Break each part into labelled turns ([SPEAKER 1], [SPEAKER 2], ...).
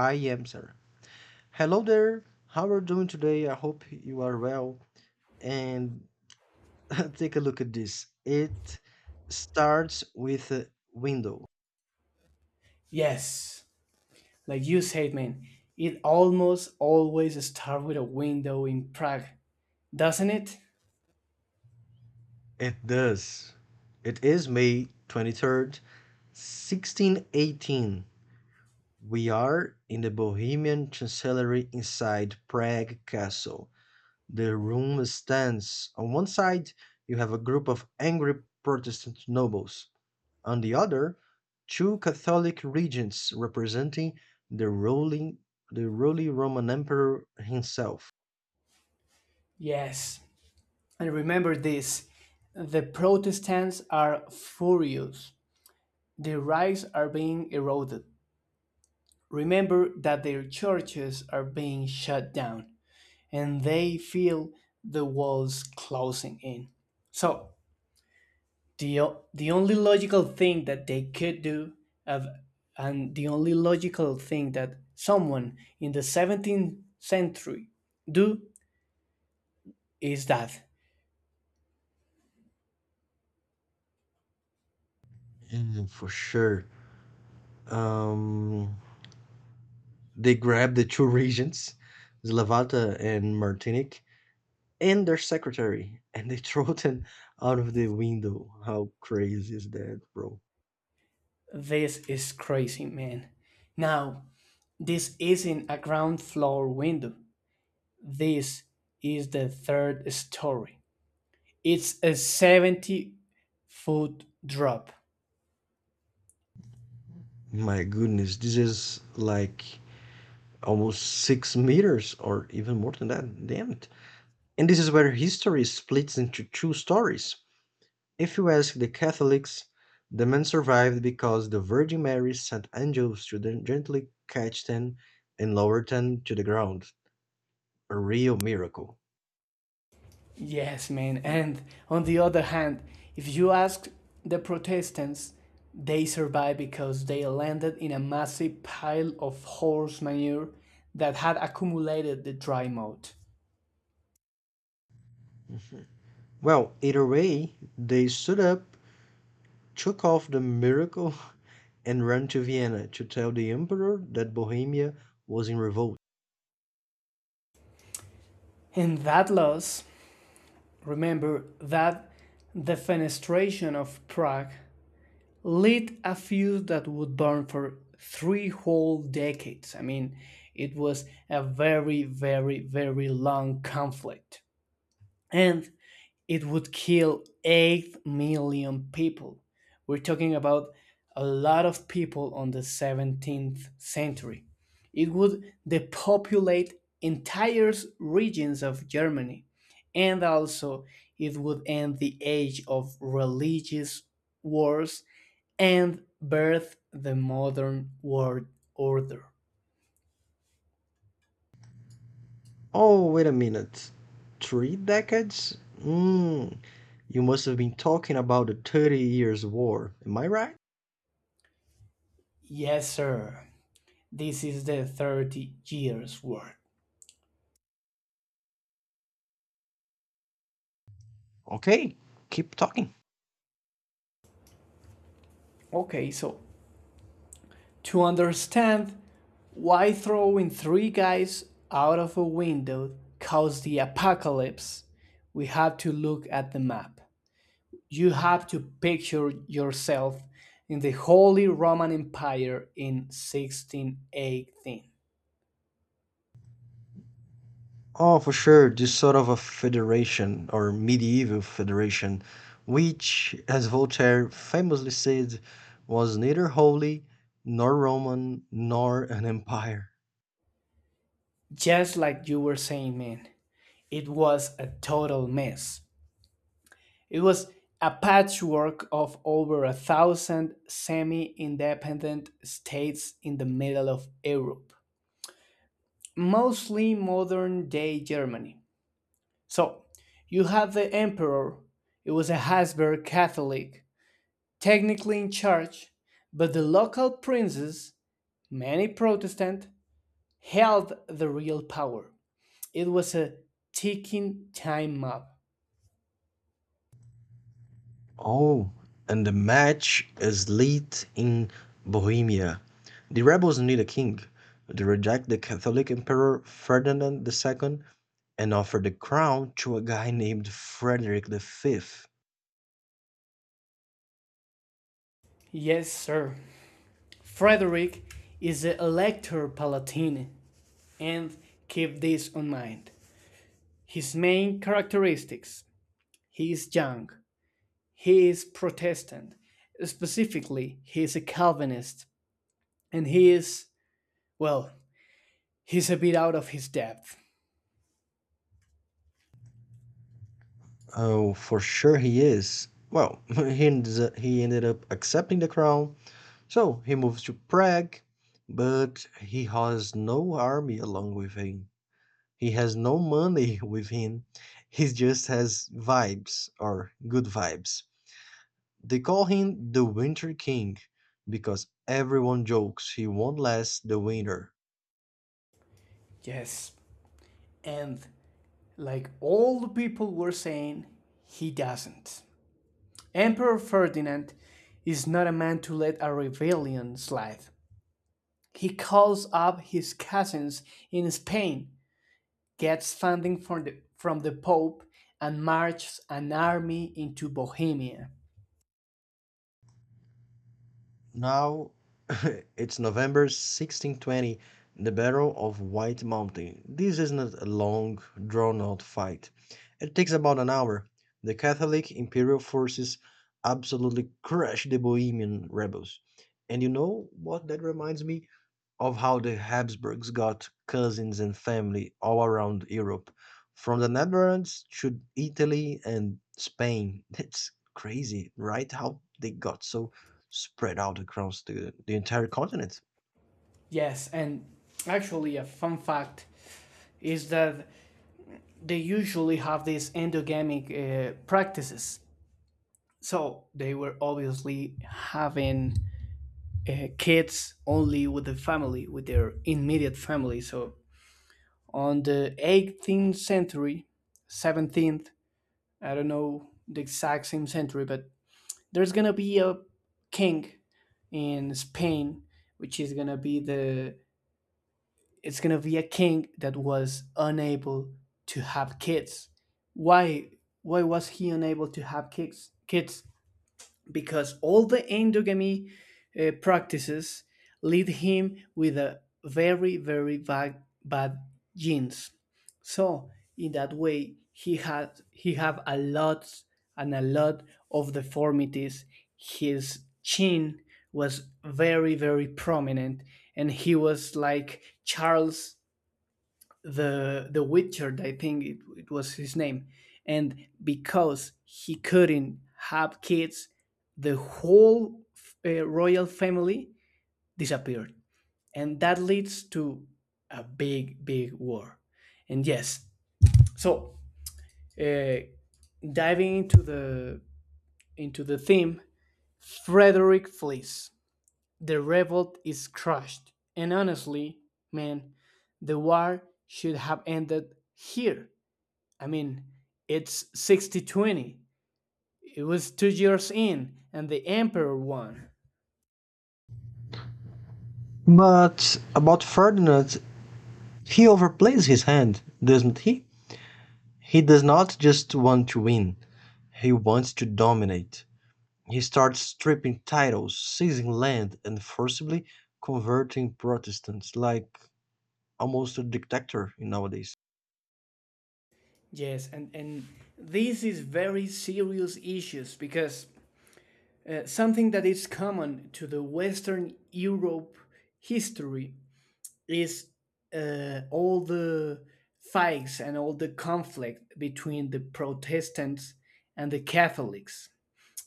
[SPEAKER 1] I am, sir. Hello there. How are you doing today? I hope you are well. And take a look at this. It starts with a window.
[SPEAKER 2] Yes, like you said, man, it almost always starts with a window in Prague, doesn't it?
[SPEAKER 1] It does. It is May 23rd, 1618. We are in the Bohemian Chancellery inside Prague Castle. The room stands. On one side, you have a group of angry Protestant nobles. On the other, two Catholic regents representing the ruling the ruling Roman Emperor himself.
[SPEAKER 2] Yes. And remember this, the Protestants are furious. Their rights are being eroded. Remember that their churches are being shut down, and they feel the walls closing in. So, the only logical thing that they could do of and the only logical thing that someone in the 17th century do is that
[SPEAKER 1] For sure. Um, they grabbed the two regents, Slavata and Martinic, and their secretary, and they throw them out of the window. How crazy is that, bro?
[SPEAKER 2] this is crazy, man. Now, this isn't a ground floor window, this is the third story, it's a 70-foot drop.
[SPEAKER 1] My goodness, this is like almost 6 meters or even more than that. Damn it. And this is where history splits into two stories. If you ask the Catholics, the man survived because the Virgin Mary sent angels to then gently catch them and lower them to the ground. A real miracle.
[SPEAKER 2] Yes, man. And on the other hand, if you ask the Protestants, they survived because they landed in a massive pile of horse manure that had accumulated the dry moat.
[SPEAKER 1] Well, either way, they stood up, took off the miracle, and ran to Vienna to tell the emperor that Bohemia was in revolt.
[SPEAKER 2] In that loss, remember that the fenestration of Prague lit a fuse that would burn for three whole decades. I mean, it was a very, very, very long conflict. And it would kill 8 million people. We're talking about a lot of people on the 17th century. It would depopulate entire regions of Germany, and also it would end the age of religious wars and birth the modern world order.
[SPEAKER 1] Oh, wait a minute. Three decades? Mm, you must have been talking about the 30 Years' War. Am I right?
[SPEAKER 2] Yes, sir. This is the 30 years war.
[SPEAKER 1] Okay, keep talking.
[SPEAKER 2] Okay, so to understand why throwing three guys out of a window caused the apocalypse, we have to look at the map. You have to picture yourself in the Holy Roman Empire in 1618.
[SPEAKER 1] Oh, for sure. This sort of a federation or medieval federation, which, as Voltaire famously said, was neither holy nor Roman nor an empire.
[SPEAKER 2] Just like you were saying, man, it was a total mess. It was a patchwork of over a thousand semi independent states in the middle of Europe, mostly modern day Germany. So you have the emperor, it was a Habsburg Catholic, technically in charge, but the local princes, many Protestant, held the real power. It was a ticking time bomb.
[SPEAKER 1] Oh, and the match is lit in Bohemia. The rebels need a king. They reject the Catholic Emperor Ferdinand II and offer the crown to a guy named Frederick V.
[SPEAKER 2] Yes, sir. Frederick is the Elector Palatine, and keep this in mind. His main characteristics: he is young, he is Protestant. Specifically, he is a Calvinist. And he is, well, he's a bit out of his depth.
[SPEAKER 1] Oh, for sure he is. Well, he ended up accepting the crown, so he moves to Prague, but he has no army along with him. He has no money with him. He just has vibes or good vibes. They call him the Winter King because everyone jokes he won't last the winter.
[SPEAKER 2] Yes. And like all the people were saying, he doesn't. Emperor Ferdinand is not a man to let a rebellion slide. He calls up his cousins in Spain, gets funding from from the Pope, and marches an army into Bohemia.
[SPEAKER 1] Now it's November 1620, the Battle of White Mountain. This isn't a long, drawn out fight. It takes about an hour. The Catholic imperial forces absolutely crush the Bohemian rebels. And you know what that reminds me? Of how the Habsburgs got cousins and family all around Europe, from the Netherlands to Italy and Spain. It's crazy, right? How they got so spread out across the entire continent.
[SPEAKER 2] Yes, and actually, a fun fact is that they usually have these endogamic practices. So they were obviously having kids only with the family, with their immediate family. So on the 18th century, 17th, I don't know the exact same century, but there's gonna be a king in Spain, which is gonna be the it's going to be a king that was unable to have kids. Why? Why was he unable to have kids? Because all the endogamy practices lead him with a very very bad, bad genes. So in that way, he have a lot and a lot of deformities. His chin was very very prominent, and he was like Charles the Witcher, I think it was his name, and because he couldn't have kids, the whole royal family disappeared, and that leads to a big big war, and yes, so uh, diving into the theme, Frederick flees. The revolt is crushed, and honestly, man, the war should have ended here. I mean, it's 60 20. It was 2 years in, and the emperor won.
[SPEAKER 1] But about Ferdinand, he overplays his hand, doesn't he? He does not just want to win, he wants to dominate. He starts stripping titles, seizing land, and forcibly converting Protestants like almost a dictator nowadays.
[SPEAKER 2] Yes, and this is very serious issues because something that is common to the Western Europe history is all the fights and all the conflict between the Protestants and the Catholics.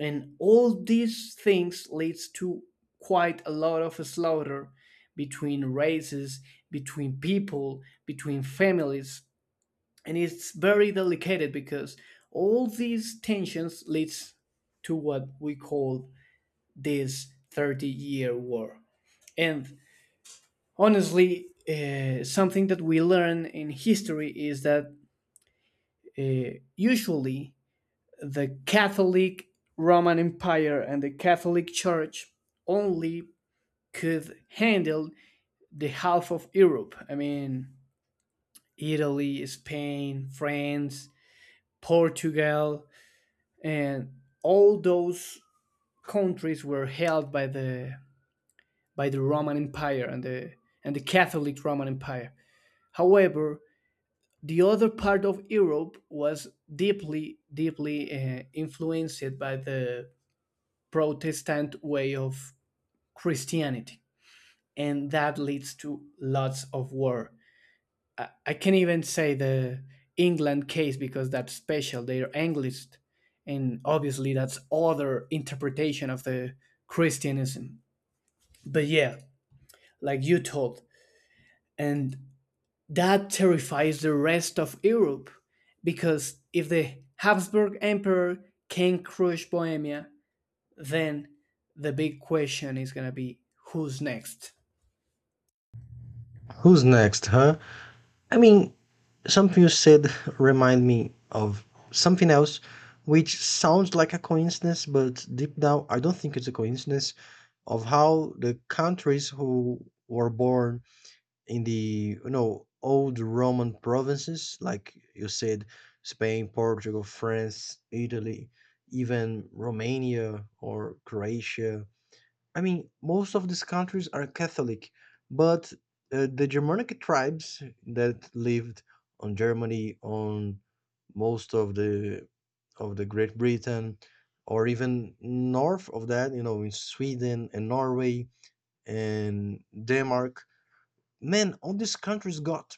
[SPEAKER 2] And all these things leads to quite a lot of slaughter between races, between people, between families, and it's very delicate because all these tensions leads to what we call this 30-year war. And honestly, something that we learn in history is that usually the Catholic Roman Empire and the Catholic Church only could handle the half of Europe. I mean, Italy, Spain, France, Portugal, and all those countries were held by the Roman Empire and the Catholic Roman Empire. However, the other part of Europe was deeply deeply influenced by the Protestant way of Christianity, and that leads to lots of war. I can't even say the England case because that's special. They're Anglist, and obviously that's other interpretation of the Christianism. But yeah, like you told, and that terrifies the rest of Europe because if the Habsburg Emperor can crush Bohemia, then the big question is gonna be who's next.
[SPEAKER 1] Who's next, huh? I mean, something you said remind me of something else, which sounds like a coincidence, but deep down I don't think it's a coincidence. Of how the countries who were born in the, you know, old Roman provinces, like you said, Spain, Portugal, France, Italy, even Romania or Croatia. I mean, most of these countries are Catholic, but the Germanic tribes that lived on Germany, on most of the Great Britain, or even north of that, you know, in Sweden and Norway and Denmark, man, all these countries got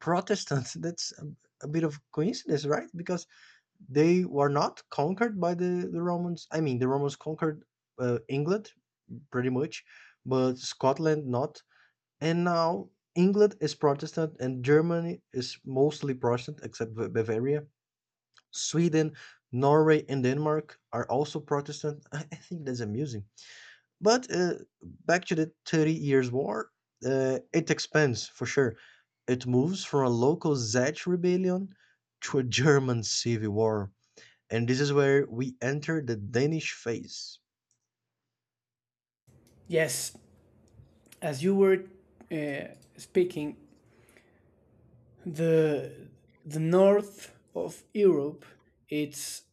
[SPEAKER 1] Protestant. That's a bit of coincidence, right? Because they were not conquered by the Romans. I mean, the Romans conquered England pretty much, but Scotland not. And now England is Protestant and Germany is mostly Protestant except Bavaria. Sweden, Norway, and Denmark are also Protestant. I think that's amusing. But back to the 30 Years' War, it expands for sure. It moves from a local Zech rebellion to a German civil war. And this is where we enter the Danish phase.
[SPEAKER 2] Yes, as you were speaking, the the north of Europe it's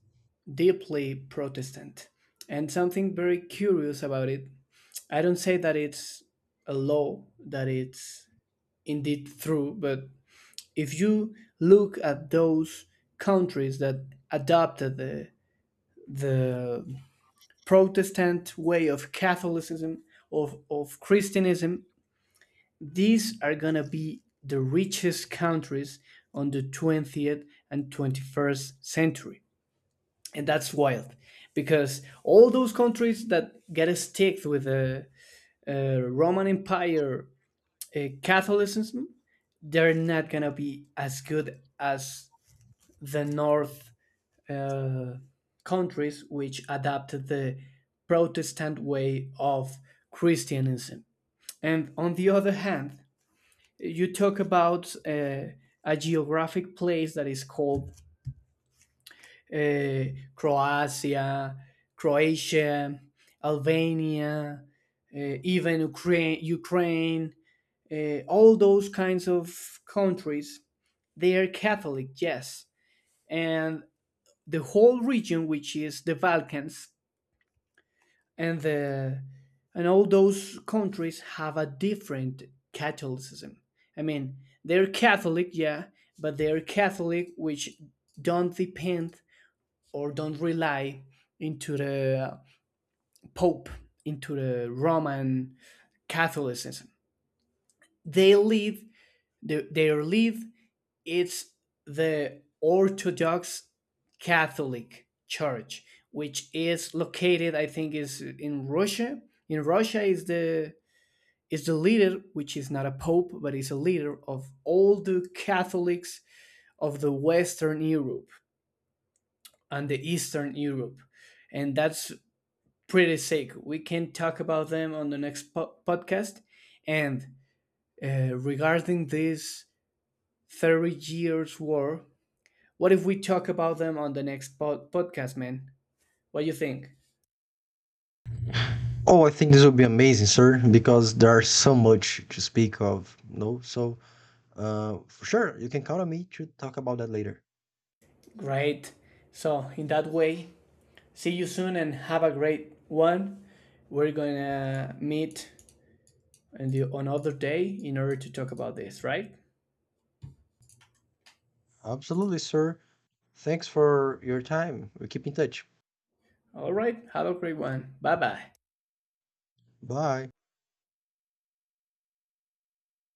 [SPEAKER 2] deeply Protestant, and something very curious about it. I don't say that it's a law that it's indeed true, but if you look at those countries that adopted the Protestant way of Catholicism of Christianism, these are gonna be the richest countries on the 20th and 21st century. And that's wild because all those countries that get sticked with the Roman Empire Catholicism, they're not gonna be as good as the North uh, countries which adapted the Protestant way of Christianism. And on the other hand, you talk about a geographic place that is called uh, Croatia, Croatia, Albania, even Ukraine, all those kinds of countries, they are Catholic, yes. And the whole region, which is the Balkans, and the and all those countries have a different Catholicism. I mean, they're Catholic, yeah, but they're Catholic which don't depend or don't rely into the Pope, into the Roman Catholicism. They live their live it's the Orthodox Catholic Church, which is located, I think, is in Russia. In Russia is the leader, which is not a pope, but is a leader of all the Catholics of the Western Europe and the Eastern Europe. And that's pretty sick. We can talk about them on the next podcast. And regarding this 30 years war, what if we talk about them on the next podcast, man? What do you think?
[SPEAKER 1] Oh, I think this will be amazing, sir, because there's so much to speak of. No, so for sure, you can count on me to talk about that later.
[SPEAKER 2] Great. So, in that way, see you soon and have a great one. We're gonna meet and another day in order to talk about this, right?
[SPEAKER 1] Absolutely, sir. Thanks for your time. We keep in touch.
[SPEAKER 2] All right. Have a great one. Bye bye.
[SPEAKER 1] Bye.